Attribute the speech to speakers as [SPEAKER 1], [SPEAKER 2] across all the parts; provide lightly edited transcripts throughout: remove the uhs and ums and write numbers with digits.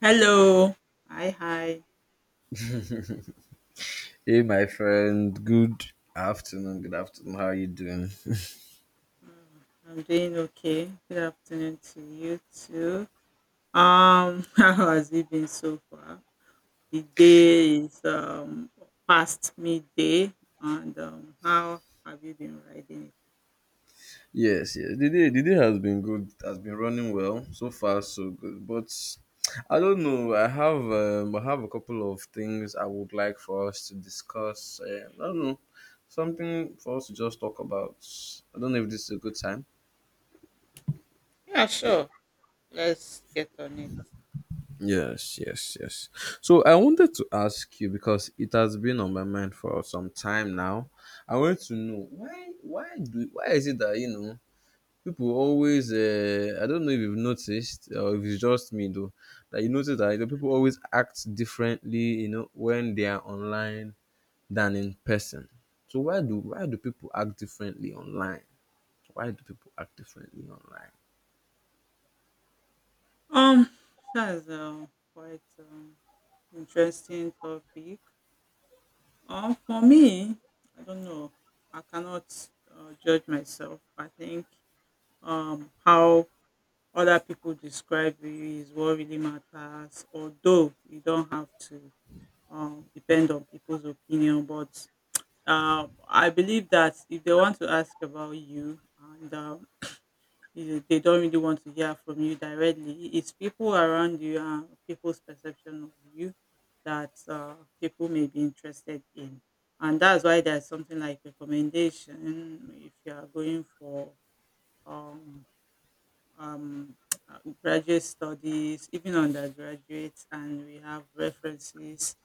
[SPEAKER 1] Hello. Hi, hi.
[SPEAKER 2] Hey, my friend. Good afternoon. Good afternoon. How are you doing?
[SPEAKER 1] I'm doing okay. Good afternoon to you too. How has it been so far? The day is past midday, and how have you been riding
[SPEAKER 2] Yes, yes. The day has been good. It has been running well so far, so good. But I don't know. I have a couple of things I would like for us to discuss. I don't know. Something for us to just talk about. I don't know if this is a good time.
[SPEAKER 1] it? Yeah, sure. Let's get on it.
[SPEAKER 2] Yes, yes, yes. So I wanted to ask you because it has been on my mind for some time now. I want to know why is it that people always I don't know if you've noticed or if it's just me though, that you notice that, people always act differently when they are online than in person. So why do people act differently online? Why do people act differently online?
[SPEAKER 1] Um, that's quite interesting topic. For me, I don't know. I cannot judge myself. I think how other people describe you is what really matters, although you don't have to depend on people's opinion, but I believe that if they want to ask about you and they don't really want to hear from you directly. It's people around you and people's perception of you that people may be interested in, and that's why there's something like recommendation. If you are going for um, um, graduate studies, even undergraduates, and we have references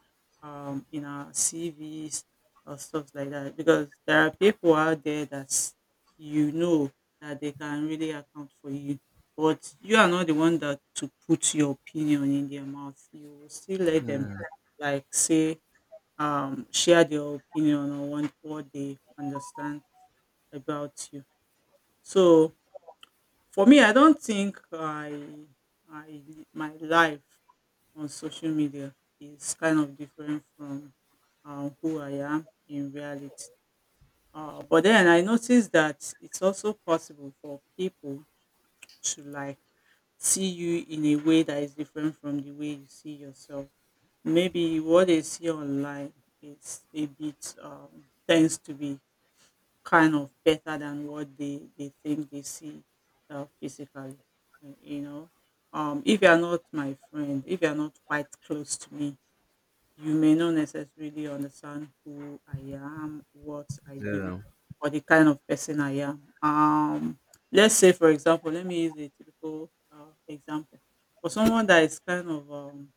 [SPEAKER 1] in our CVs or stuff like that. Because there are people out there that, you know, that they can really account for you, but you are not the one that to put your opinion in their mouth. You will still let them
[SPEAKER 2] Hmm.
[SPEAKER 1] like say, share their opinion or what they understand about you. So for me, I don't think I my life on social media is kind of different from who I am in reality. But then I noticed that it's also possible for people to like see you in a way that is different from the way you see yourself. Maybe what they see online is a bit tends to be kind of better than what they think they see physically. You know, if you're not my friend, if you're not quite close to me, you may not necessarily understand who I am, what I do,
[SPEAKER 2] Yeah.
[SPEAKER 1] or the kind of person I am. Let's say, for example, let me use a typical example. For someone that is kind of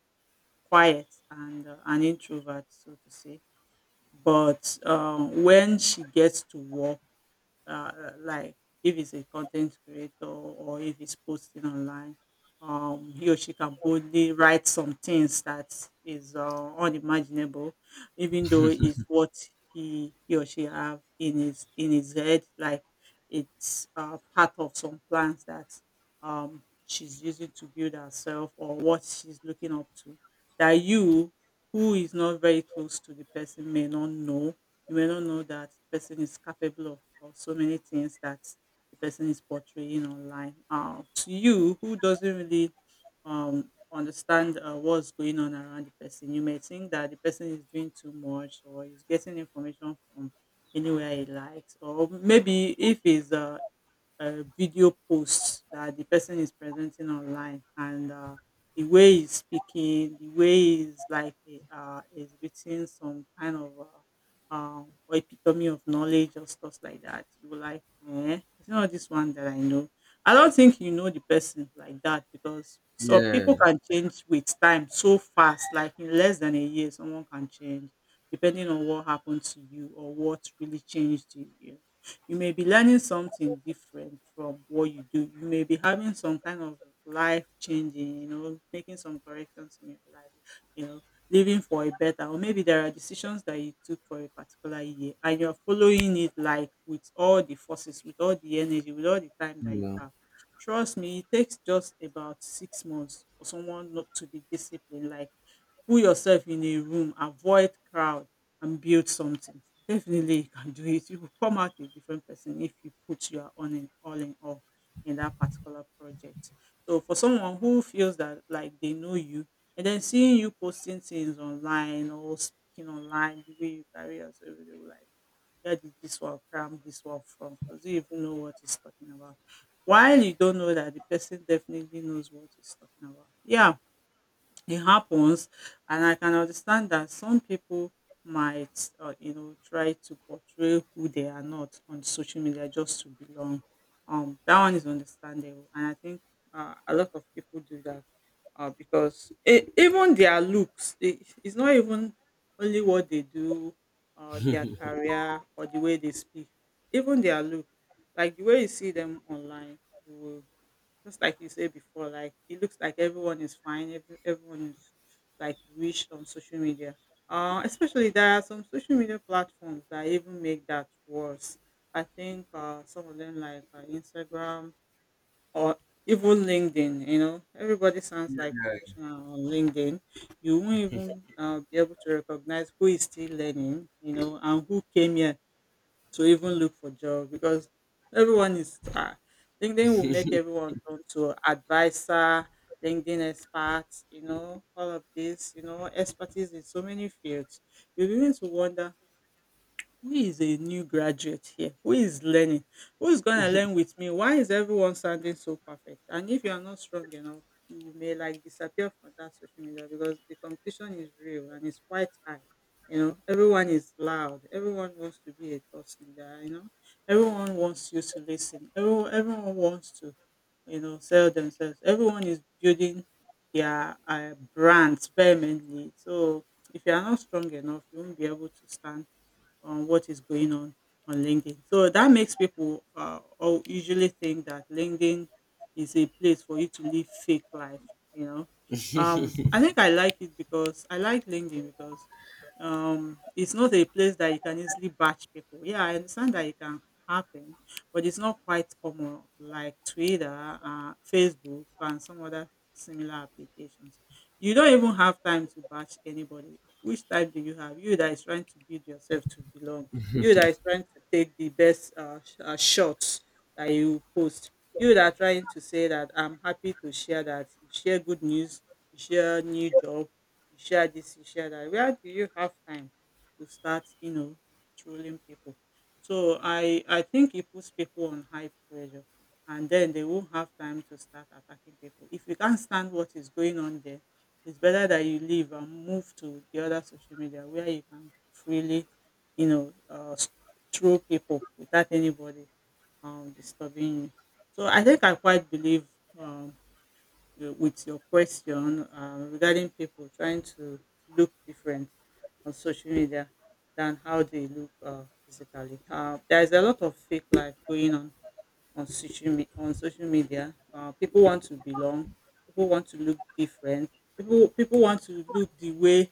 [SPEAKER 1] quiet and an introvert, so to say, but when she gets to work, uh, like if it's a content creator or if it's posting online, he or she can boldly write some things that is unimaginable, even though it's what he or she have in his head, like it's part of some plans that she's using to build herself or what she's looking up to. That you, who is not very close to the person, may not know. You may not know that the person is capable of so many things that the person is portraying online. To you, who doesn't really understand what's going on around the person, you may think that the person is doing too much or is getting information from anywhere he likes, or maybe if he's video posts that the person is presenting online and the way he's speaking, the way he's like is written some kind of uh, uh, epitome of knowledge or stuff like that. You were like, eh, it's not this one that I know. I don't think you know the person like that, because so people
[SPEAKER 2] Yes.
[SPEAKER 1] can change with time so fast. Like in less than a year, someone can change depending on what happened to you or what really changed you. You may be learning something different from what you do. You may be having some kind of life changing, you know, making some corrections in your life, you know, living for a better, or maybe there are decisions that you took for a particular year and you're following it, like with all the forces, with all the energy, with all the time that you
[SPEAKER 2] Yeah.
[SPEAKER 1] have. Trust me, it takes just about 6 months for someone not to be disciplined. Like, put yourself in a room, avoid crowd and build something. Definitely you can do it. You will come out a different person if you put your all in all in all in that particular project. So for someone who feels that like they know you, and then seeing you posting things online or speaking online, the way you carry yourself, they will like, where did this one from? Does he even know what he's talking about? While you don't know that the person definitely knows what he's talking about. Yeah, it happens, and I can understand that some people might, you know, try to portray who they are not on social media just to belong. That one is understandable, and I think a lot of people do that because even their looks, it's not even only what they do, or their career, or the way they speak. Even their look, like the way you see them online, you will just like you said before, like it looks like everyone is fine, everyone is like rich on social media. Especially there are some social media platforms that even make that worse. I think some of them like Instagram or even LinkedIn. You know, everybody sounds like professional on LinkedIn. You won't even be able to recognize who is still learning, you know, and who came here to even look for job, because everyone is LinkedIn will make everyone turn to advisor, LinkedIn expert, you know, all of this, you know, expertise in so many fields. You begin to wonder, who is a new graduate here? Who is learning? Who is going to learn with me? Why is everyone sounding so perfect? And if you are not strong enough, you may like disappear from that social media, because the competition is real and it's quite high. You know, everyone is loud. Everyone wants to be a thought leader. You know, everyone wants you to listen. Everyone wants to, you know, sell themselves. Everyone is building their brands vehemently. So if you are not strong enough, you won't be able to stand on what is going on LinkedIn. So that makes people all usually think that LinkedIn is a place for you to live fake life. You know, I think I like it, because I like LinkedIn because it's not a place that you can easily batch people. Yeah, I understand that it can happen, but it's not quite common like Twitter, Facebook, and some other similar applications. You don't even have time to batch anybody. Which type do you have? You that is trying to build yourself to belong. You that is trying to take the best shots that you post. You that are trying to say that I'm happy to share that. You share good news. You share new job. You share this. You share that. Where do you have time to start, you know, trolling people? So I think it puts people on high pressure, and then they won't have time to start attacking people. If you can't stand what is going on there, it's better that you leave and move to the other social media where you can freely, you know, through people without anybody disturbing you. So I think I quite believe um, with your question regarding people trying to look different on social media than how they look physically. There's a lot of fake life going on on social media. People want to belong. People want to look different. People want to look the way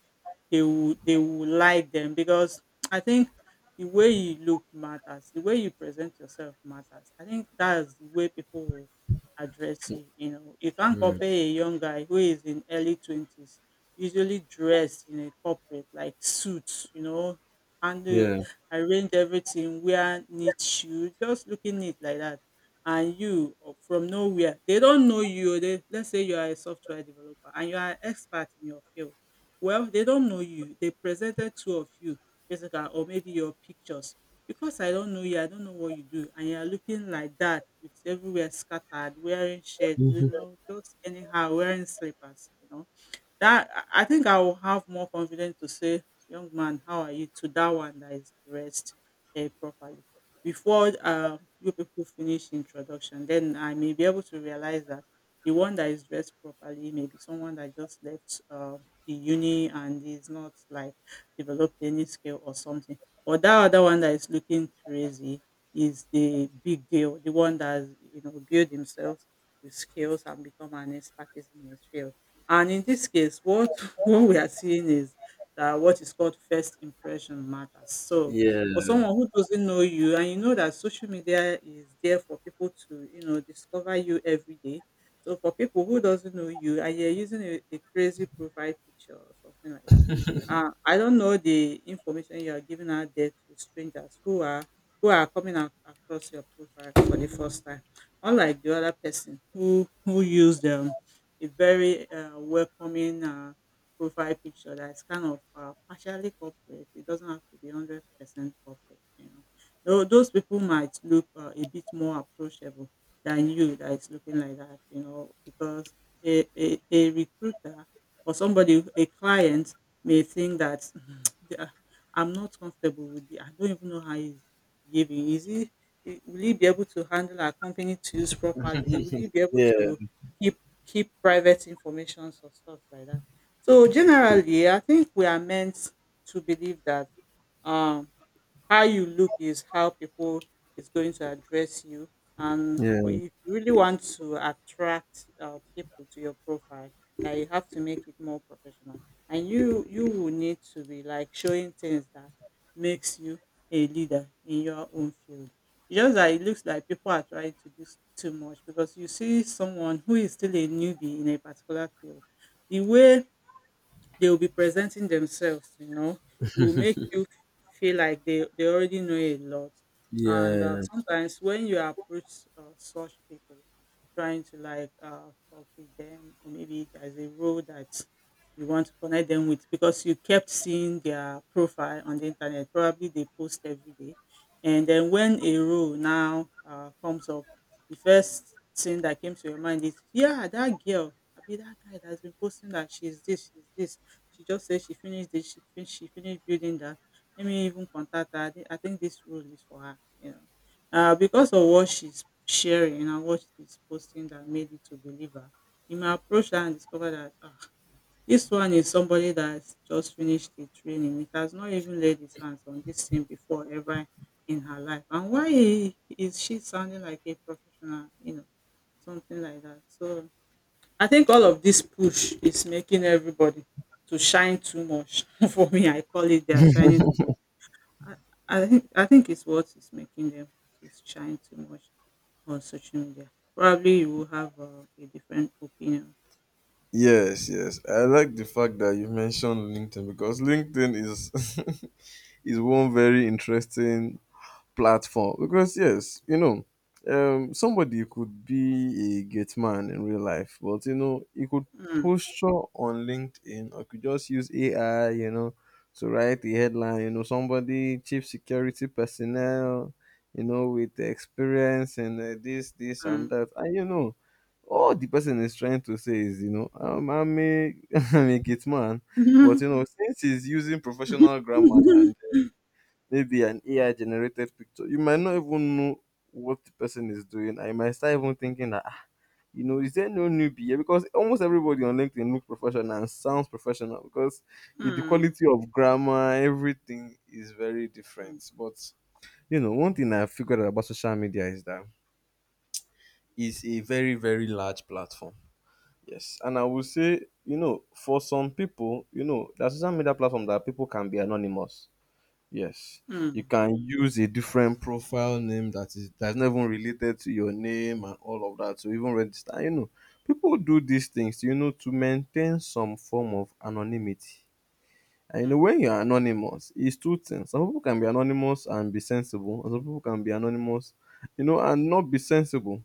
[SPEAKER 1] they would like them, because I think the way you look matters. The way you present yourself matters. I think that's the way people will address you. You know, you can't
[SPEAKER 2] Hmm.
[SPEAKER 1] compare a young guy who is in early twenties, usually dressed in a corporate like suits. You know, and
[SPEAKER 2] Yeah,
[SPEAKER 1] arrange everything, wear neat shoes, just looking neat like that, and you, or from nowhere they don't know you. Oh, they let's say you are a software developer and you are an expert in your field. Well, they don't know you. They presented two of you basically, or maybe your pictures. Because I don't know you, I don't know what you do, and you are looking like that with everywhere scattered, wearing shirts, you know, just anyhow, wearing slippers, you know, that I think I will have more confidence to say, "Young man, how are you?" to that one that is dressed eh, properly. Before you people finish introduction, then I may be able to realize that the one that is dressed properly may be someone that just left the uni and is not like developed any skill or something. But that other one that is looking crazy is the big deal, the one that has, you know, build himself with skills and become an expert in his field. And in this case, what what we are seeing is that what is called first impression matters. So
[SPEAKER 2] yeah,
[SPEAKER 1] for someone who doesn't know you, and you know that social media is there for people to, discover you every day. So for people who doesn't know you, and you're using a crazy profile picture or something like that, I don't know the information you are giving out there to strangers who are coming across your profile for the first time. Unlike the other person who used them a very welcoming profile picture that is kind of partially corporate. It doesn't have to be 100% corporate. You know, those people might look a bit more approachable than you that is looking like that. You know, because a recruiter or somebody, a client may think that they are- I'm not comfortable with it. I don't even know how he's behaving. Is he? Will he be able to handle our company tools properly? Will he be able
[SPEAKER 2] yeah,
[SPEAKER 1] to keep keep private informations or stuff like that. So generally, I think we are meant to believe that um how you look is how people is going to address you and for
[SPEAKER 2] yeah,
[SPEAKER 1] if you really want to attract people to your profile that you have to make it more professional and you will need to be like showing things that makes you a leader in your own field. It's just that it looks like people are trying to do too much because you see someone who is still a newbie in a particular field, the way they will be presenting themselves, you know, will make you feel like they already know a lot. And
[SPEAKER 2] yeah.
[SPEAKER 1] sometimes when you approach such people trying to like talk with them, or maybe there's a role that you want to connect them with because you kept seeing their profile on the internet, probably they post every day, and then when a role now comes up, the first thing that came to your mind is, yeah, that girl, I mean, that guy that has been posting that she's this, she's this. She just said she finished this, she finished building that. Let me even contact her. I think this role is for her, you know. Because of what she's sharing and what she's posting that made you to believe her, you may approach her and discover that, ah, this one is somebody that's just finished the training. It has not even laid his hands on this thing before ever in her life. And why is she sounding like a professional, you know, something like that? So I think all of this push is making everybody to shine too much. For me, I call it they are shining too much. I think it's what is making them to shine too much on social media. Probably you will have a different opinion.
[SPEAKER 2] Yes, yes. I like the fact that you mentioned LinkedIn because LinkedIn is is one very interesting platform because yes, you know, somebody could be a gate man in real life, but you know he could
[SPEAKER 1] Mm,
[SPEAKER 2] posture on LinkedIn or could just use AI, you know, to write the headline, you know, somebody chief security personnel, you know, with the experience and, this this and
[SPEAKER 1] mm.
[SPEAKER 2] that, and you know all the person is trying to say is, you know, I'm a I'm a gate man. But you know, since he's using professional grammar and maybe an AI generated picture, you might not even know what the person is doing. I might start even thinking that, ah, you know, is there no newbie here? Because almost everybody on LinkedIn looks professional and sounds professional because eh, the
[SPEAKER 1] Mm,
[SPEAKER 2] quality of grammar, everything is very
[SPEAKER 1] mm,
[SPEAKER 2] different. But you know, one thing I figured out about social media is that it's a very, very large platform. Yes. And I would say, you know, for some people, you know, there social media platform that people can be anonymous. Yes, you
[SPEAKER 1] mm,
[SPEAKER 2] can use a different profile name that is that's not even related to your name and all of that. So even register, you know, people do these things, you know, to maintain some form of anonymity. And you know,
[SPEAKER 1] mm,
[SPEAKER 2] when you're anonymous, it's two things. Some people can be anonymous and be sensible, and some people can be anonymous, you know, and not be sensible.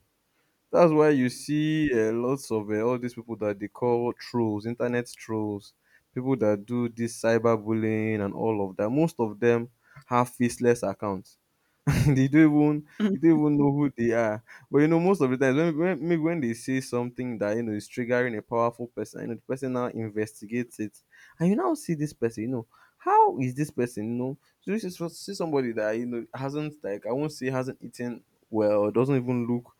[SPEAKER 2] That's why you
[SPEAKER 1] mm,
[SPEAKER 2] see lots of all these people that they call trolls, internet trolls, people that do this cyberbullying and all of that. Most of them have faceless accounts. They don't even, you
[SPEAKER 1] mm,
[SPEAKER 2] don't even know who they are. But you know, most of the times when maybe when they say something that you know is triggering a powerful person, you know the person now investigates it, and you now see this person, you know, how is this person? You know, so this is for see somebody that you know hasn't, like, I won't say hasn't eaten well, doesn't even look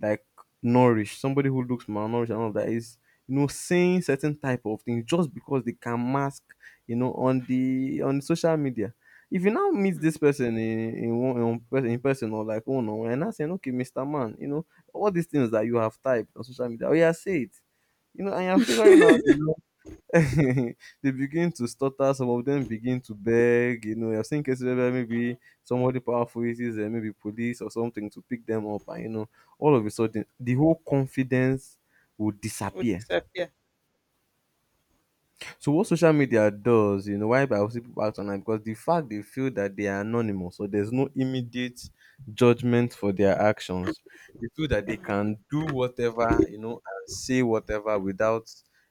[SPEAKER 2] like nourished. Somebody who looks malnourished and all that is, you know, saying certain type of things just because they can mask, you know, on the on social media. If you now meet this
[SPEAKER 1] mm.
[SPEAKER 2] person in one in person, in person, or like one on one, and I saying, okay, mr man, you know all these things that you have typed on social media, oh yeah, say it, you know, and you're figuring out, you know, they begin to stutter. Some of them begin to beg. You know, you have seen cases where maybe somebody powerful uses maybe police or something to pick them up, and you know all of a sudden the whole confidence will
[SPEAKER 1] Would
[SPEAKER 2] disappear.
[SPEAKER 1] disappear.
[SPEAKER 2] So what social media does, you know, why I was people act online because the fact they feel that they are anonymous, so there's no immediate judgment for their actions. They feel that they can do whatever, you know, and say whatever without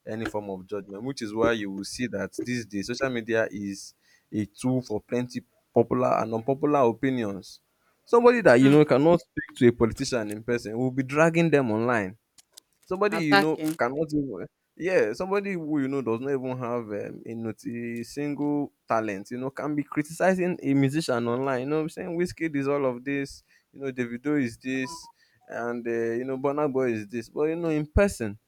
[SPEAKER 2] any form of judgment, which is why you will see that these days social media is a tool for plenty popular and unpopular opinions. Somebody that you know
[SPEAKER 1] Mm.
[SPEAKER 2] cannot speak to a politician in person will be dragging them online. Somebody you know
[SPEAKER 1] Attacking.
[SPEAKER 2] cannot even, yeah, somebody who you know does not even have, a, not- a single talent, you know, can be criticizing a musician online. You know, saying Whiskey is all of this, you know, Davido is this, and, you know, Burna Boy is this. But you know, in person,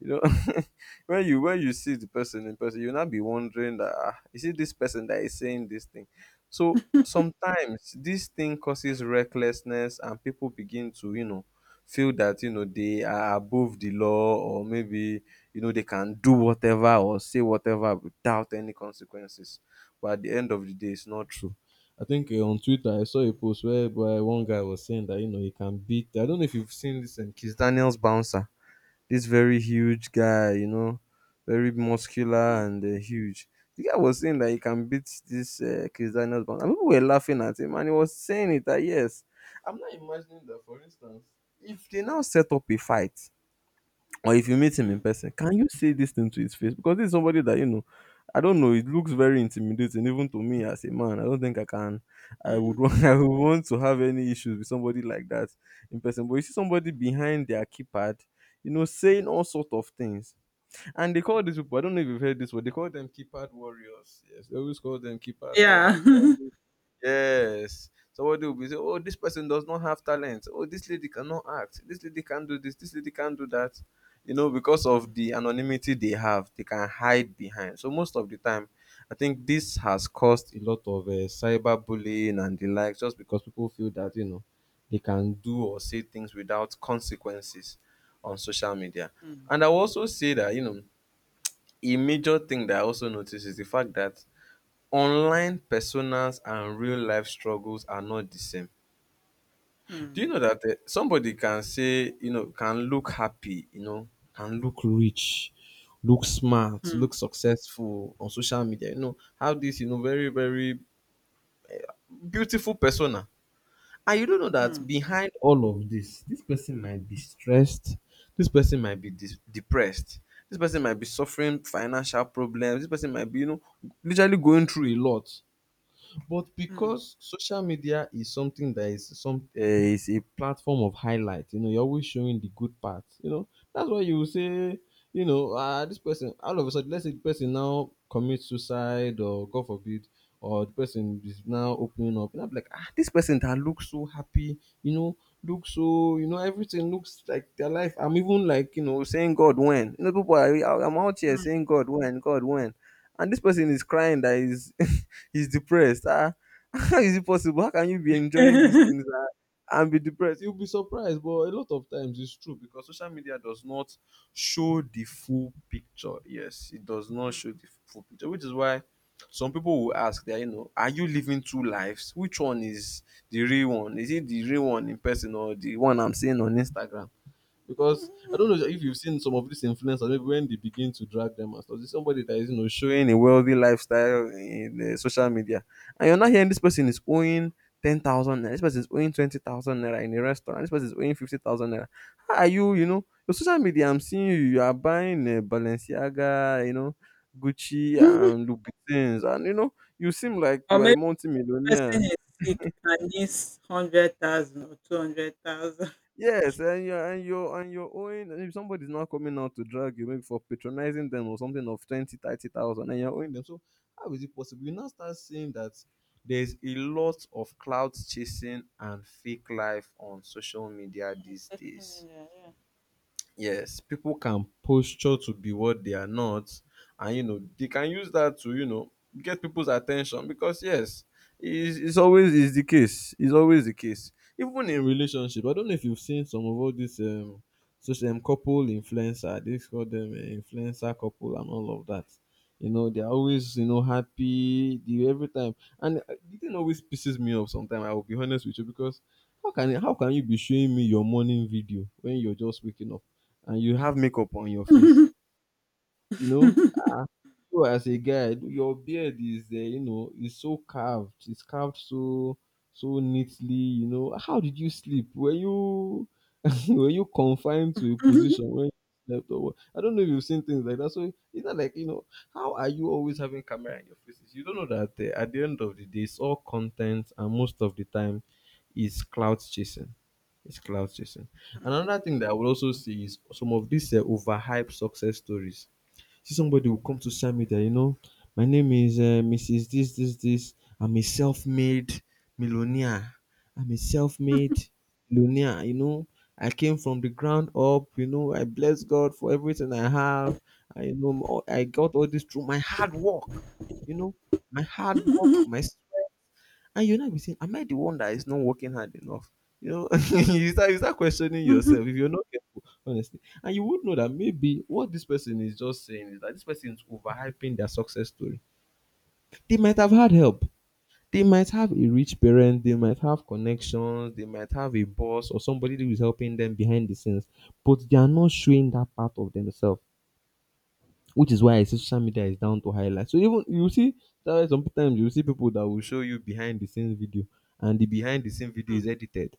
[SPEAKER 2] you know, when you see the person in person, you'll not be wondering that, ah, is it this person that is saying this thing. So sometimes this thing causes recklessness, and people begin to, you know, feel that you know they are above the law, or maybe, you know, they can do whatever or say whatever without any consequences. But at the end of the day, it's not true. I think on Twitter I saw a post where one guy was saying that you know he can beat. I don't know if you've seen this Kiss Daniels bouncer. This very huge guy, you know, very muscular
[SPEAKER 1] Mm,
[SPEAKER 2] and, huge. The guy was saying that he can beat this Chris Daniels, and people were laughing at him, and he was saying it that yes, I'm not imagining that. For instance, if they now set up a fight, or if you meet him in
[SPEAKER 1] mm,
[SPEAKER 2] person, can you say this thing to his face? Because this is somebody that you know. I don't know. It looks very intimidating, even to me as a man. I don't think I can. I would
[SPEAKER 1] mm.
[SPEAKER 2] want. I would want to have any issues with somebody like that in person. But you see somebody behind their keypad, you know, saying all sort of things. And they call these people, I don't know if you've heard this word, they call them keypad warriors. Yes, they always call them keypad
[SPEAKER 1] Yeah.
[SPEAKER 2] warriors. They are. Yes. So what do we say? Oh, this person does not have talent. Oh, this lady cannot act. This lady can do this. This lady can do that. You know, because of the anonymity they have, they can hide behind. So most of the time, I think this has caused a lot of cyberbullying and the like, just because people feel that you know they can do or say things without consequences on social media.
[SPEAKER 1] Mm,
[SPEAKER 2] And I will also say that you know a major thing that I also notice is the fact that online personas and real life struggles are not the same. Do you
[SPEAKER 1] mm,
[SPEAKER 2] know that somebody can say, you know, can look happy, you know, can look rich, look smart,
[SPEAKER 1] mm,
[SPEAKER 2] look successful on social media, you know, have this, you know, very, very beautiful persona. And you don't know that
[SPEAKER 1] mm.
[SPEAKER 2] behind all of this, this person might be stressed, this person might be depressed, this person might be suffering financial problems, this person might be, you know, literally going through a lot. But
[SPEAKER 1] Mm,
[SPEAKER 2] because social media is something that is some is a platform of highlight, you know, you're always showing the good part. You know, that's why you will say, you know, this person all of a sudden, let's say the person now commits suicide or God forbid, or the person is now opening up, and I'm like, ah, this person that looks so happy, you know, looks so, you know, everything looks like their life. I'm even like, you know, saying God when, you know, people are, I'm out here
[SPEAKER 1] mm,
[SPEAKER 2] saying God when, and this person is crying that is. He's depressed. Ah, how is it possible? How can you be enjoying these things, ah, and be depressed? You'll be surprised, but a lot of times it's true because social media does not show the full picture. Yes, it does not
[SPEAKER 1] mm.
[SPEAKER 2] show the full picture, which is why some people will ask that, you know, are you living two lives? Which one is the real one? Is it the real one in person or the one I'm seeing on Instagram? Because I don't know if you've seen some of these influencers, maybe when they begin to drag them and stuff, there's somebody that is, you know, showing a wealthy lifestyle in the social media. And you're not hearing this person is owing 10,000 naira, this person is owing 20,000 naira in a restaurant, this person is owing 50,000 naira. How are you, you know, your social media, I'm seeing you, you are buying Balenciaga, you know, Gucci and Louis Vuittons, and you know, you seem like
[SPEAKER 1] Or
[SPEAKER 2] you are a
[SPEAKER 1] maybe
[SPEAKER 2] multi-millionaire.
[SPEAKER 1] person is sick and needs 100,000 or 200,000.
[SPEAKER 2] Yes, and you're owing, and if somebody's not coming out to drag you, maybe for patronizing them or something of 20, 30,000, and you're owing them. So how is it possible? You now start seeing that there's a lot of clout chasing and fake life on social media
[SPEAKER 1] On
[SPEAKER 2] these
[SPEAKER 1] social
[SPEAKER 2] days.
[SPEAKER 1] media, yeah.
[SPEAKER 2] Yes, people can posture to be what they are not, and you know they can use that to get people's attention, because yes, it's always is the case. It's always the case. Even in relationship, I don't know if you've seen some of all these social couple influencer. They call them influencer couple and all of that. You know they're always happy the every time, and the thing always pisses me off. Sometimes I will be honest with you, because how can you be showing me your morning video when you're just waking up? And you have makeup on your face, you know, you as a guy, your beard is you know is so carved. It's carved so so neatly. You know, how did you sleep? Were you were you confined to a
[SPEAKER 1] Mm,
[SPEAKER 2] position when you slept or what? I don't know if you've seen things like that. So it's not like, you know, how are you always having camera in your faces? You don't know that at the end of the day, it's all content, and most of the time, is clout chasing. It's clout chasing. Another thing that I would also see is some of these overhyped success stories. See, somebody will come to social media, you know, my name is Mrs. This, this, this. I'm a self made millionaire. I'm a self made millionaire, you know. I came from the ground up, you know. I bless God for everything I have. I got all this through my hard work, you know, my hard work,
[SPEAKER 1] mm,
[SPEAKER 2] my, and you now be saying, am I the one that is not working hard enough? You know, you start questioning yourself if you're not careful, honestly. And you would know that maybe what this person is just saying is that this person is overhyping their success story. They might have had help. They might have a rich parent, they might have connections, they might have a boss or somebody who is helping them behind the scenes, but they are not showing that part of themselves, which is why I say social media is down to highlight. So even you see, that's why sometimes you see people that will show you behind the scenes video, and the behind the scenes video is edited.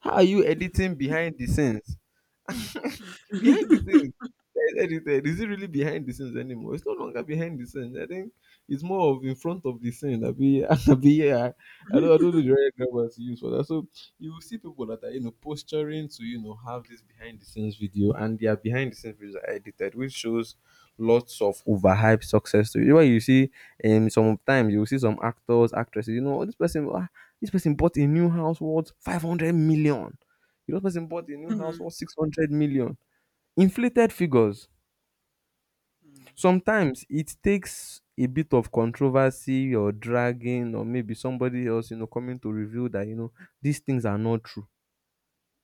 [SPEAKER 2] How are you editing behind the scenes? Behind the scenes. That's what he said. Is it really behind the scenes anymore? It's no longer behind the scenes. I think it's more of in front of the scene. I be, I be, yeah. I don't know
[SPEAKER 1] mm,
[SPEAKER 2] the right grammar to use for that. So you will see people that are, you know, posturing to, you know, have this behind the scenes video, and their behind the scenes videos are edited, which shows lots of overhyped success stories. Where you see, sometimes you will see some actors, actresses. You know, "Oh, this person, ah, this person bought a new house worth 500 million. You know, this person bought a
[SPEAKER 1] mm,
[SPEAKER 2] new house
[SPEAKER 1] mm,
[SPEAKER 2] worth 600 million." Inflated figures.
[SPEAKER 1] mm.
[SPEAKER 2] Sometimes it takes a bit of controversy or dragging or maybe somebody else, you know, coming to reveal that, you know, these things are not true.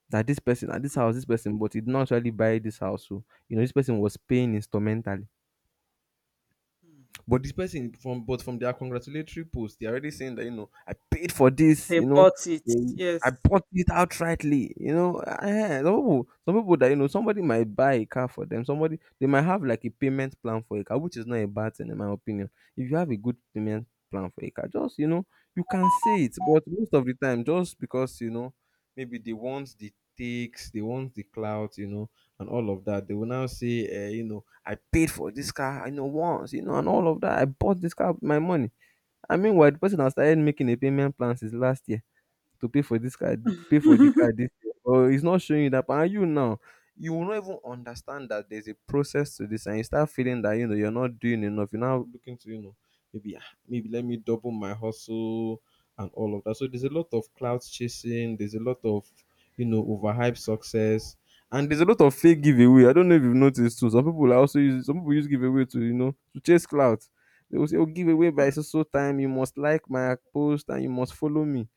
[SPEAKER 2] That this person, that this house, this person, but he did not actually buy this house. So, you know, this person was paying instrumentally. But this person from but from their congratulatory post, they're already saying that, you know, I paid for this, you
[SPEAKER 1] They
[SPEAKER 2] know,
[SPEAKER 1] bought it,
[SPEAKER 2] I
[SPEAKER 1] yes.
[SPEAKER 2] bought it outrightly, you know. Eh, some people that you know, somebody might buy a car for them. Somebody they might have like a payment plan for a car, which is not a bad thing in my opinion. If you have a good payment plan for a car, just, you know, you can say it. But most of the time, just because, you know, maybe they want the takes, they want the clout, you know, and all of that, they will now say, you know, I paid for this car, I know, once, you know, and all of that. I bought this car with my money. I mean, while the person has started making a payment plan since last year to pay for this car, pay for the car this year. Or it's not showing you that. And you now, you will not even understand that there's a process to this, and you start feeling that, you know, you're not doing enough. You're now looking to, you know, maybe ah, maybe let me double my hustle and all of that. So there's a lot of clout chasing. There's a lot of, you know, overhyped success. And there's a lot of fake giveaway. I don't know if you've noticed too. Some people use giveaway to, you know, to chase clout. They will say, "Oh, giveaway by
[SPEAKER 1] Mm,
[SPEAKER 2] so so time. You must like my post and you must follow me."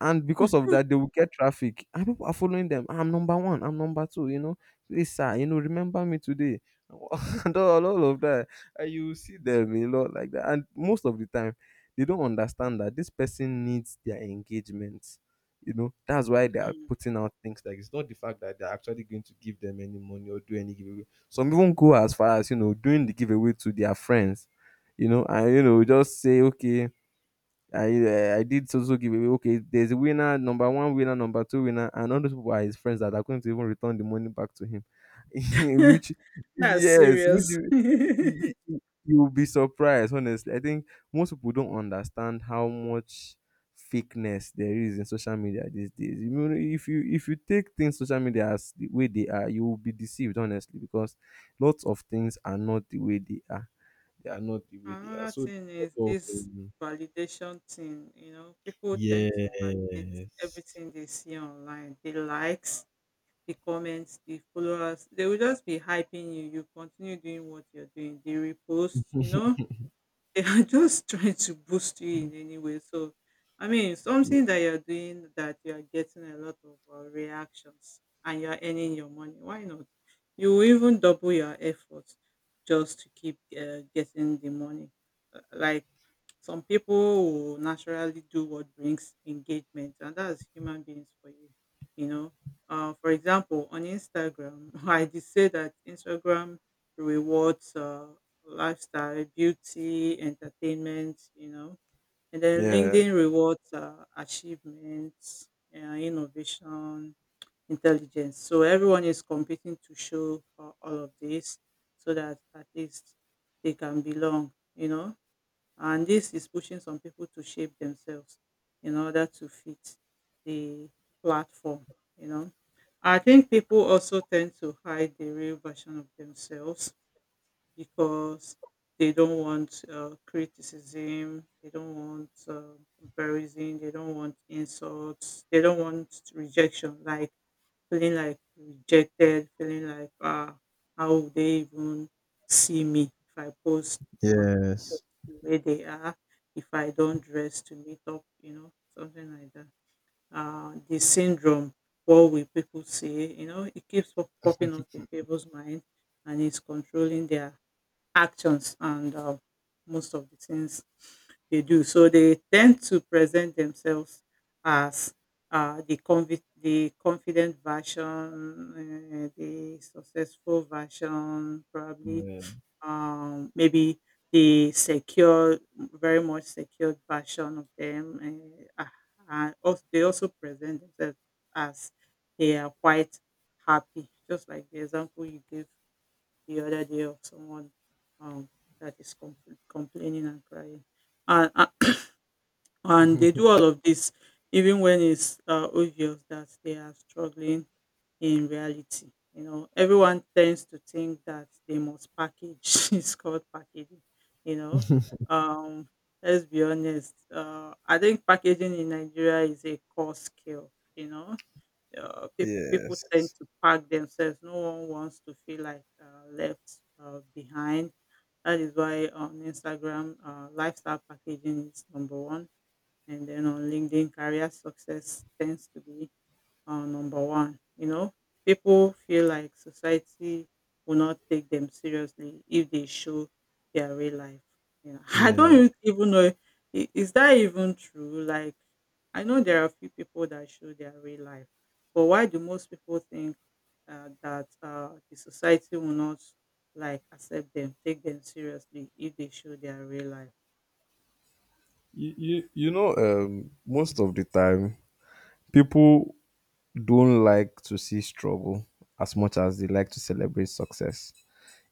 [SPEAKER 2] And because of
[SPEAKER 1] mm,
[SPEAKER 2] that, they will get traffic and people are following them. I'm number one, I'm number two, you know, please sir, you know, remember me today. And all of that, and you see them a lot like that. And most of the time, they don't understand that this person needs their engagement, you know. That's why they are
[SPEAKER 1] mm.
[SPEAKER 2] putting out things like it's not the fact that they're actually going to give them any money or do any giveaway. Some even go as far as, you know, doing the giveaway to their friends, you know, and you know, just say okay, I eh, I did so so giveaway. Okay, there's a winner, number one winner, number two winner, and all those people are his friends that are going to even return the money back to him. Which
[SPEAKER 1] That's
[SPEAKER 2] yes, which
[SPEAKER 1] serious.
[SPEAKER 2] you, you you will be surprised. Honestly, I think most people don't understand how much fakeness there is in social media these days. You know, if you take things social media as the way they are, you will be deceived. Honestly, because lots of things are not the way they are. They are not the way they are.
[SPEAKER 1] Another
[SPEAKER 2] So.
[SPEAKER 1] thing is this validation thing. You know, people tend to validate
[SPEAKER 2] Yes.
[SPEAKER 1] everything they see online. The likes, the comments, the followers. They will just be hyping you. You continue doing what you're doing. They repost, you know they are just trying to boost you in any way. So, I mean,
[SPEAKER 2] Ye
[SPEAKER 1] something that you're doing that you are getting a lot of reactions and you're earning your money. Why not? You will even double your efforts just to keep getting the money. Like some people will naturally do what brings engagement, and that's human beings for you. You know, for example, on Instagram, I did say that Instagram rewards lifestyle, beauty, entertainment. You know, and then
[SPEAKER 2] Yeah.
[SPEAKER 1] LinkedIn rewards achievements, innovation, intelligence. So everyone is competing to show all of this, so that at least they can belong. You know, and this is pushing some people to shape themselves in order to fit the platform, you know. I think people also tend to hide the real version of themselves because they don't want criticism, they don't want comparison, they don't want insults, they don't want rejection. Like feeling like rejected, feeling like, how would they even see me if I post my pictures
[SPEAKER 2] Yes.
[SPEAKER 1] the way they are, if I don't dress to meet up, you know, something like that. The syndrome, what will people say, you know, it keeps popping up in people's mind and it's controlling their actions and most of the things they do. So they tend to present themselves as the confident version, the successful version, probably,
[SPEAKER 2] Yeah.
[SPEAKER 1] maybe the secure, very much secured version of them. And also, they also present themselves as they are quite happy, just like the example you gave the other day of someone, um, that is complaining and crying. And and they do all of this even when it's obvious that they are struggling in reality. You know, everyone tends to think that they must package. It's called packaging. You know, um, let's be honest. I think packaging in Nigeria is a core skill. You know, people tend
[SPEAKER 2] Yes.
[SPEAKER 1] to pack themselves. No one wants to feel like left behind. That is why on Instagram, lifestyle packaging is number one, and then on LinkedIn, career success tends to be number one. You know, people feel like society will not take them seriously if they show their real life. You know, I don't
[SPEAKER 2] Yeah.
[SPEAKER 1] even even know is that even true. Like, I know there are a few people that show their real life, but why do most people think that the society will not like accept them, take them seriously if they show their real life?
[SPEAKER 2] You know, most of the time, people don't like to see struggle as much as they like to celebrate success.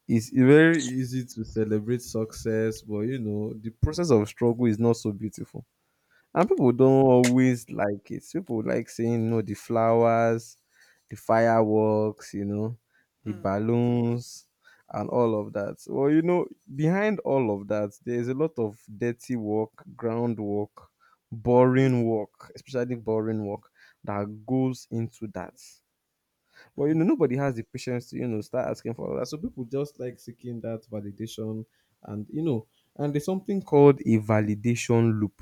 [SPEAKER 2] It's very easy to celebrate success, but you know, the process of struggle is not so beautiful. And people
[SPEAKER 1] Mm,
[SPEAKER 2] don't always like it. People like saying, "No, the flowers, the fireworks, you know, the balloons, and all of that." Well, you know, behind all of that, there's a lot of dirty work, groundwork,
[SPEAKER 1] mm,
[SPEAKER 2] boring work, especially boring work that goes into that. But you
[SPEAKER 1] mm,
[SPEAKER 2] know, nobody has the patience to, you know, start asking for all that. So people just like seeking that validation, and you know, and there's something called a validation loop.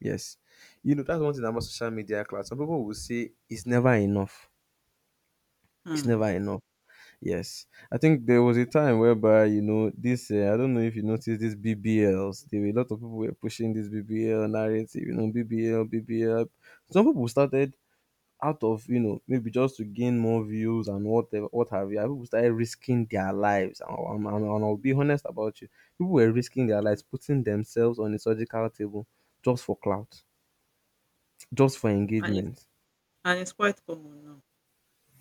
[SPEAKER 2] Yes. You know, that's one thing about social media clout. Some people will say it's never enough. It's never
[SPEAKER 1] mm.
[SPEAKER 2] enough. Yes. I think there was a time whereby, you know, this, I don't know if you noticed these BBLs. There were a lot of people were pushing this BBL narrative, you know, BBL, BBL. Some people started out of, you know, maybe just to gain more views and whatever, what have you. And people started risking their lives. And I'll be honest about you. People were risking their lives, putting themselves on a surgical table just for clout, just for
[SPEAKER 1] And, it's,
[SPEAKER 2] engagement.
[SPEAKER 1] and it's quite common now.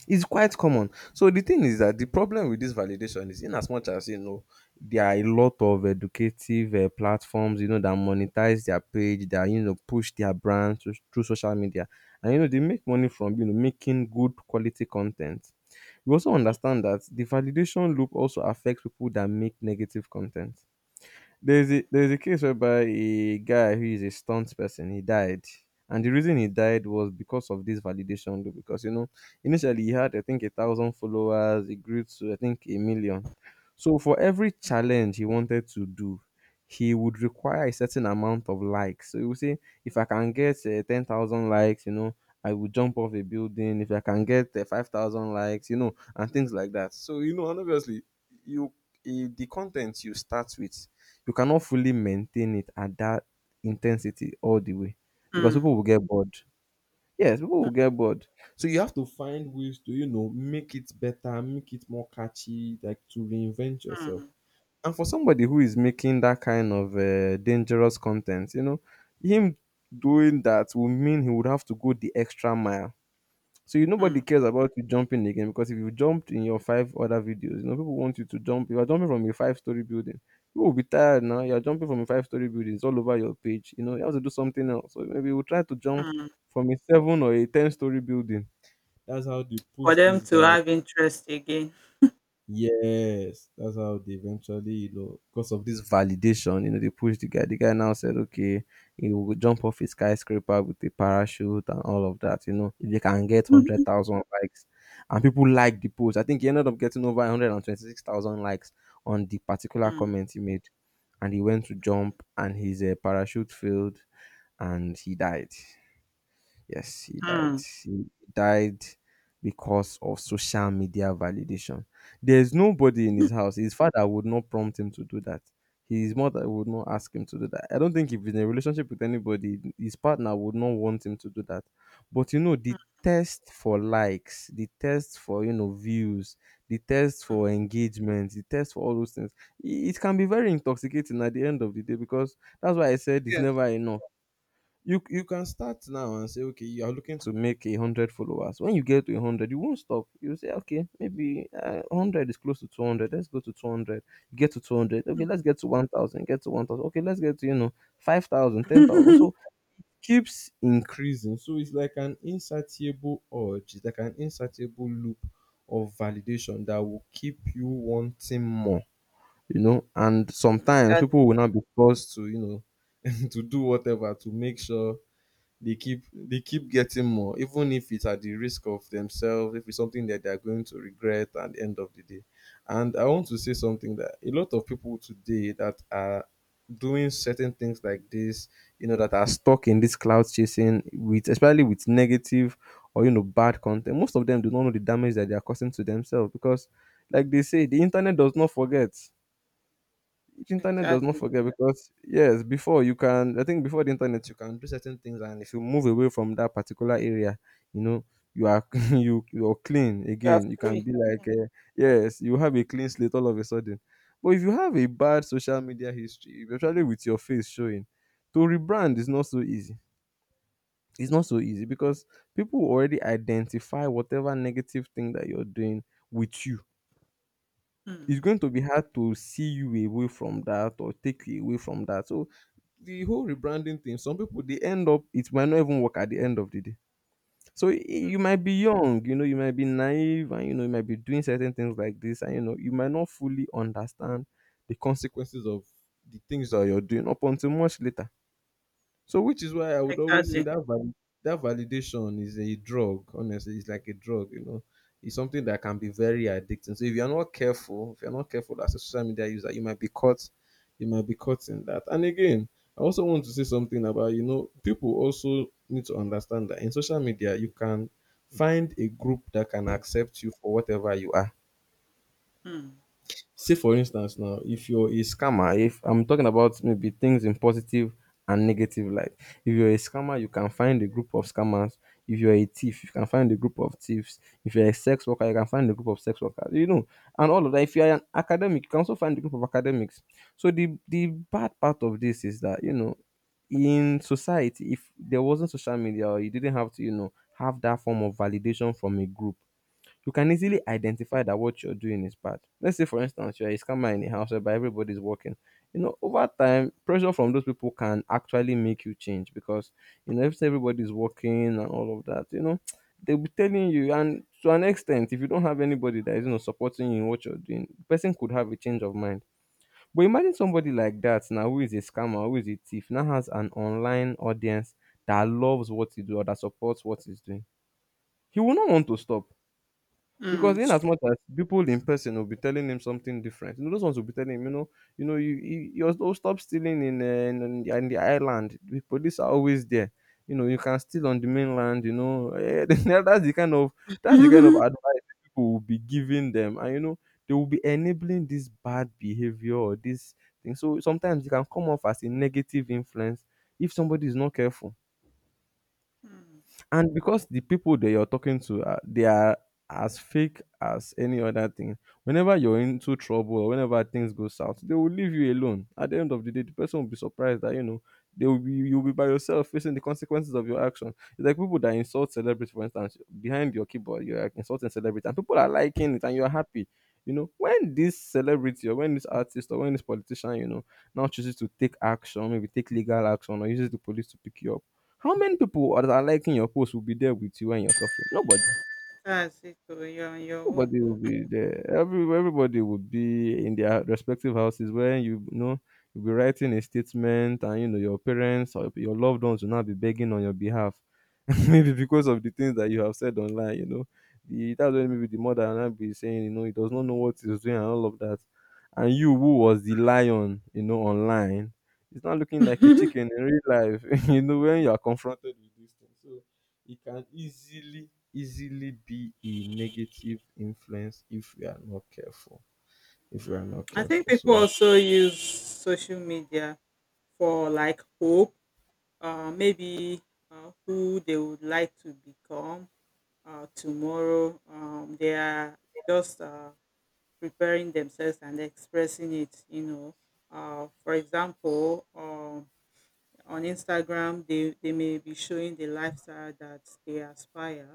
[SPEAKER 2] It's quite common. So the thing is that the problem with this validation is in as much as you know there are a lot of educative platforms, you know, that monetize their page, that you know push their brand through social media, and you know they make money from, you know, making good quality content. We also understand that the validation loop also affects people that make negative content. There's a case whereby a guy who is a stunt person, he died, and the reason he died was because of this validation loop. Because you know, initially he had I think 1,000 followers, he grew to I think a million. So for every challenge he wanted to do, he would require a certain amount of likes. So he would say, if I can get 10,000 likes, you know, I will jump off a building. If I can get 5,000 likes, you know, and things like that. So you know, and obviously you. The content you start with you cannot fully maintain it at that intensity all the way because
[SPEAKER 1] Mm,
[SPEAKER 2] people will get bored. Yes, people will get bored. So you have to find ways to, make it better, make it more catchy, like to reinvent yourself.
[SPEAKER 1] mm,
[SPEAKER 2] And for somebody who is making that kind of dangerous content, him doing that would mean he would have to go the extra mile. So you nobody
[SPEAKER 1] mm.
[SPEAKER 2] cares about you jumping again, because if you jumped in your five other videos, people want you to jump. You are jumping from a five-story building. People will be tired now. You are jumping from a five-story building. It's all over your page. You have to do something else. So maybe we'll try to jump
[SPEAKER 1] Mm,
[SPEAKER 2] from a seven or a ten-story building. That's how they
[SPEAKER 1] for
[SPEAKER 2] push
[SPEAKER 1] them
[SPEAKER 2] this
[SPEAKER 1] to
[SPEAKER 2] guy.
[SPEAKER 1] have interest again.
[SPEAKER 2] Yes, that's how they eventually, because of this validation, they push the guy. The guy now said, okay, he will jump off a skyscraper with a parachute and all of that. If they can get one hundred thousand likes, and people like the post, I think he ended up getting over 126,000 likes on the particular
[SPEAKER 1] Mm,
[SPEAKER 2] comment he made, and he went to jump, and his parachute failed, and he died. Yes, he died.
[SPEAKER 1] mm.
[SPEAKER 2] He died because of social media validation. There's nobody in his house. His father would not prompt him to do that. His mother would not ask him to do that. I don't think if he's in a relationship with anybody, his partner would not want him to do that. But the test for likes, the test for views, the test for engagement, the test for all those things, it can be very intoxicating at the end of the day, because that's why I said it's
[SPEAKER 1] Yes.
[SPEAKER 2] never enough. You can start now and say, okay, you are looking to make 100 followers. When you get to 100, you won't stop. You say, okay, maybe 100 is close to 200. Let's go to 200. You get to 200, okay, let's get to 1000. Get to 1000, okay, let's get to 5,000, 10,000. So keeps increasing. So it's like an insatiable urge. It's like an insatiable loop of validation that will keep you wanting more. And sometimes
[SPEAKER 1] Exactly,
[SPEAKER 2] people will not be forced to to do whatever to make sure they keep getting more, even if it's at the risk of themselves, if it's something that they're going to regret at the end of the day. And I want to say something, that a lot of people today that are doing certain things like this, that are stuck in this cloud chasing, with, especially with negative or bad content, most of them do not know the damage that they are causing to themselves, because like they say, the internet does not forget. The internet does not
[SPEAKER 1] exactly.
[SPEAKER 2] forget, because yes, before you can I think, before the internet, you can do certain things, and if you move away from that particular area, you know you are you're clean
[SPEAKER 1] You are
[SPEAKER 2] again. You can
[SPEAKER 1] free.
[SPEAKER 2] be like, yes, you have a clean slate all of a sudden. But if you have a bad social media history, especially with your face showing, to rebrand is not so easy. It's not so easy, because people already identify whatever negative thing that you're doing with you. It's
[SPEAKER 1] Mm,
[SPEAKER 2] going to be hard to see you away from that or take you away from that. So the whole rebranding thing, some people they end up, it might not even work at the end of the day. So y-
[SPEAKER 1] mm,
[SPEAKER 2] you might be young, you might be naive, and you might be doing certain things like this, and you might not fully understand the consequences of the things that you're doing up until much later. So which is why I would always say
[SPEAKER 1] exactly.
[SPEAKER 2] that validation is a drug. Honestly, it's like a drug. It's something that can be very addicting. So if you're not careful, if you're not careful as a social media user, you might be caught. You might be caught in that. And again, I also want to say something about, people also need to understand that in social media you can find a group that can accept you for whatever you are.
[SPEAKER 1] Mm,
[SPEAKER 2] Say, for instance, now, if you're a scammer, if I'm talking about maybe things in positive and negative light. If you're a scammer, you can find a group of scammers. If you're a thief, you can find a group of thieves. If you're a sex worker, you can find a group of sex workers. And all of that. If you're an academic, you can also find a group of academics. So the bad part of this is that, in society, if there wasn't social media or you didn't have to, have that form of validation from a group, you can easily
[SPEAKER 1] mm,
[SPEAKER 2] identify that what you're doing is bad. Let's say, for instance, you're a scammer in a house whereby everybody's working. Over time, pressure from those people can actually make you change, because if everybody's working and all of that, they'll be telling you. And to an extent, if you don't have anybody that is, supporting you in what you're doing, the person could have a change of mind. But imagine somebody like that now who is a scammer, who is a thief, now has an online audience that loves what he do or that supports what he's doing. He will not want to stop,
[SPEAKER 1] mm.
[SPEAKER 2] because in
[SPEAKER 1] It's
[SPEAKER 2] as much as people in person will be telling him something different, those ones will be telling him, you do stop stealing in the island. The police are always there. You can steal on the mainland. That's the kind of
[SPEAKER 1] true.
[SPEAKER 2] advice people will be giving them, and they will be enabling this bad behavior or this thing. So sometimes it can come off as a negative influence if somebody is not careful,
[SPEAKER 1] Mm.
[SPEAKER 2] and because the people that you're talking to are, they are as fake as any other thing. Whenever you're into trouble or whenever things go south, they will leave you alone. At the end of the day, the person will be surprised that, they will be you'll be by yourself facing the consequences of your action. It's like people that insult celebrities, for instance. Behind your keyboard, you're like insulting celebrities, and people are liking it and you're happy. When this celebrity or when this artist or when this politician, now chooses to take action, maybe take legal action, or uses the police to pick you up, how many people that are liking your post will be there with you when you're suffering? Nobody.
[SPEAKER 1] That's it. Oh, You're on your own.
[SPEAKER 2] Nobody will be there. Everybody will be in their respective houses, where you'll be writing a statement, and your parents or your loved ones will not be begging on your behalf. Maybe because
[SPEAKER 1] Mm.
[SPEAKER 2] of the things that you have said online, the that's when maybe the mother and I be saying, he does not know what he's doing and all of that. And you who was the lion, online, it's not looking like a chicken in real life, when you are confronted with these things. So it can easily, easily be a negative influence if we are not careful. If we are
[SPEAKER 1] Mm,
[SPEAKER 2] not
[SPEAKER 1] I think
[SPEAKER 2] careful.
[SPEAKER 1] people
[SPEAKER 2] So
[SPEAKER 1] also use social media for like hope, maybe who they would like to become, tomorrow. They are just preparing themselves and expressing it, you know. For example, on Instagram, they may be showing the lifestyle that they aspire,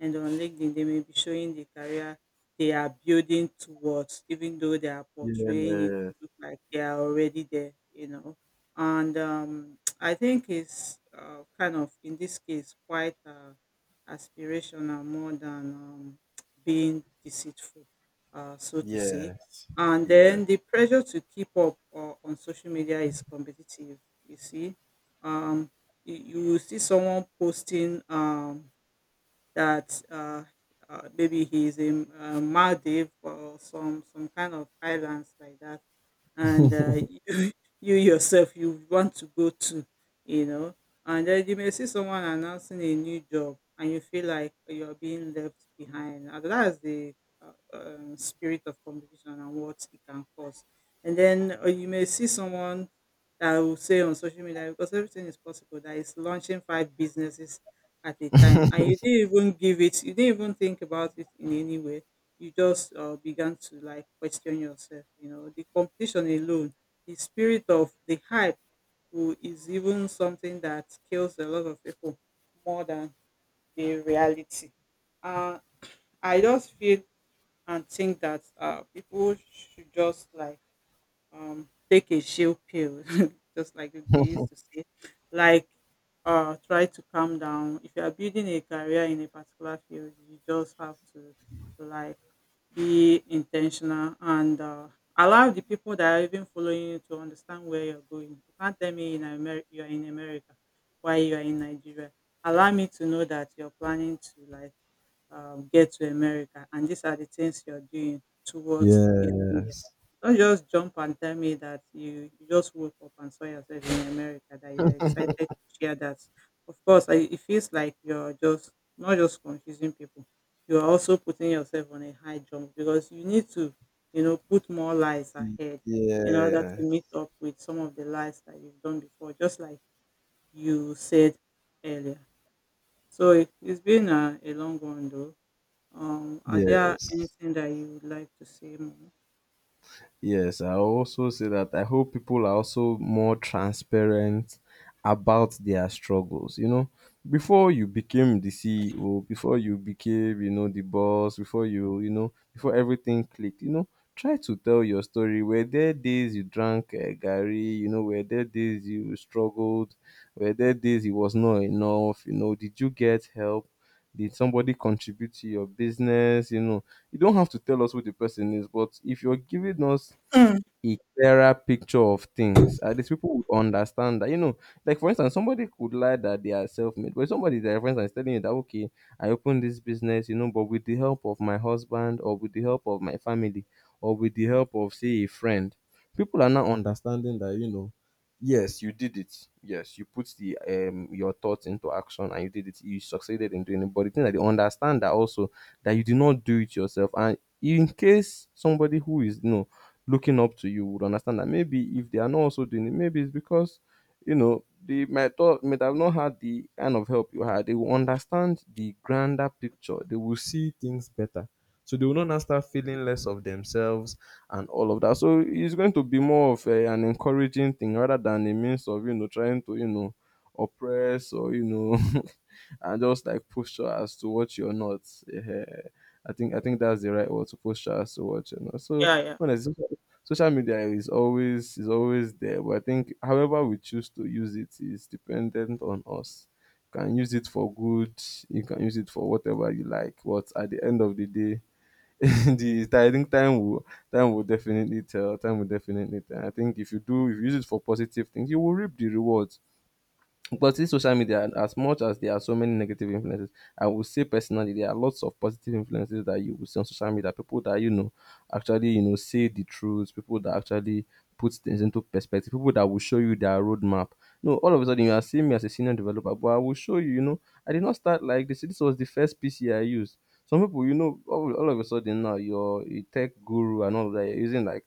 [SPEAKER 1] and on LinkedIn, they may be showing the career they are building towards, even though they are
[SPEAKER 2] yeah.
[SPEAKER 1] portraying it to look like they are already there, you know. And I think it's kind of, in this case, quite aspirational more than being deceitful, so to say.
[SPEAKER 2] Yes.
[SPEAKER 1] And
[SPEAKER 2] Yes.
[SPEAKER 1] then the pressure to keep up on social media is competitive. You see um you will see someone posting that maybe he's in Maldives or some kind of islands like that, and you you yourself you want to go to, you know, and then you may see someone announcing a new job and you feel like you're being left behind, and that's the spirit of competition and what it can cause. And then you may see someone that will say on social media, because everything is possible, that is launching five businesses at a time, and you didn't even give it, you didn't even think about it in any way, you just began to like question yourself. You know, the competition alone, the spirit of the hype, who is even something that kills a lot of people more than the reality. uh, I just feel and think that people should just like take a chill pill, just like they used to say, like, try to calm down. If you are building a career in a particular field, you just have to, like, be intentional and allow the people that are even following you to understand where you're going. You can't tell me you're in America, why you're in Nigeria. Allow me to know that you're planning to like get to America and these are the things you're doing towards getting there.
[SPEAKER 2] Yes.
[SPEAKER 1] Don't just jump and tell me that you just woke up and saw yourself in America, that you're excited to share that. Of course, it feels like you're just not just confusing people, you're also putting yourself on a high jump because you need to, you know, put more lies ahead in order to
[SPEAKER 2] Yeah.
[SPEAKER 1] meet up with some of the lies that you've done before, just like you said earlier. So it, it's been a long one though. Are there
[SPEAKER 2] Yes.
[SPEAKER 1] anything that you would like to say more?
[SPEAKER 2] Yes, I also say that I hope people are also more transparent about their struggles. Before you became the CEO, before you became, the boss, before you, before everything clicked, try to tell your story. Were there days you drank Gary? Were there days you struggled? Were there days it was not enough? Did you get help? Did somebody contribute to your business? You don't have to tell us who the person is, but if you're giving us
[SPEAKER 1] Mm.
[SPEAKER 2] a clearer picture of things. At least people would understand that, you know, like for instance, somebody could lie that they are self made, but somebody that, for instance, is telling you that, okay, I opened this business, you know, but with the help of my husband or with the help of my family or with the help of, say, a friend, people are now understanding that, you know, yes, you did it. Yes, you put the your thoughts into action and you did it. You succeeded in doing it. But the thing that they understand that also that you did not do it yourself. And in case somebody who is no looking up to you would understand that maybe if they are not also doing it, maybe it's because you know they might not might have not had the kind of help you had. They will understand the grander picture. They will see things better. So they will not now start feeling less of themselves and all of that. So it's going to be more of an encouraging thing rather than a means of you know trying to you know oppress or you know and just like posture as to what you're not. Eh, eh, I think that's the right word to posture as to what you're not. So
[SPEAKER 1] Yeah, yeah.
[SPEAKER 2] honestly, social media is always there, but I think however we choose to use it is dependent on us. You can use it for good, you can use it for whatever you like, but at the end of the day the I think time will definitely tell. Time will definitely tell. I think if you use it for positive things, you will reap the rewards. But this
[SPEAKER 1] Mm.
[SPEAKER 2] social media, as much as there are so many negative influences, I would say personally there are lots of positive influences that you will see on social media. People that you know actually you know say the truth. People that actually put things into perspective. People that will show you their roadmap. No, all of a sudden you are seeing me as a senior developer, but I will show you. You know, I did not start like this. This was the first PC I used. Some people, you know, all of a sudden now you're a tech guru and all of that. You're using like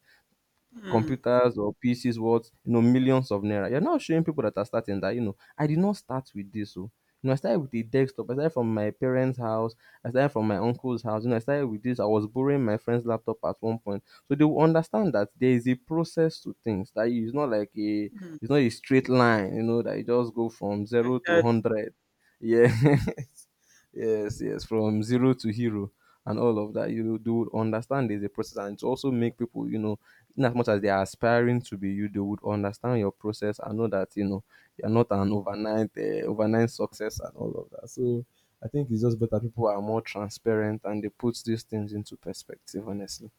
[SPEAKER 1] Mm,
[SPEAKER 2] computers or PCs worth, you know, millions of naira. You're not showing people that are starting that, you know, I did not start with this. So, you know, I started with a desktop. I started from my parents' house. I started from my uncle's house. You know, I started with this. I was borrowing my friend's laptop at one point. So they will understand that there is a process to things. That
[SPEAKER 1] mm,
[SPEAKER 2] it's not a straight line, you know, that you just go from zero to
[SPEAKER 1] exactly.
[SPEAKER 2] hundred. Yeah. Yes, yes, from zero to hero and all of that. You do understand there's a process and to also make people, you know, in as much as they are aspiring to be you, they would understand your process and know that you know you're not an overnight success and all of that. So I think it's just better people are more transparent and they put these things into perspective. Honestly,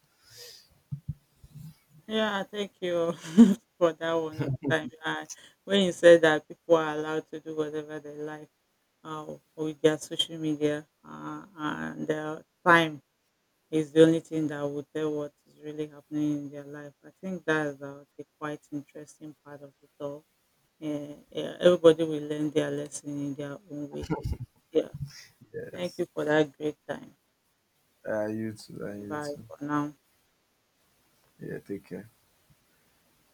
[SPEAKER 1] Yeah, thank you for that wonderful time. When you said that people are allowed to do whatever they like uh, with their social media, and their time is the only thing that will tell what is really happening in their life. I think that's the quite interesting part of it all. Yeah, yeah, everybody will learn their lesson in their own way. Yeah. Thank
[SPEAKER 2] yes.
[SPEAKER 1] you for that great time.
[SPEAKER 2] You too. You
[SPEAKER 1] Bye
[SPEAKER 2] too.
[SPEAKER 1] for now.
[SPEAKER 2] Yeah, take care.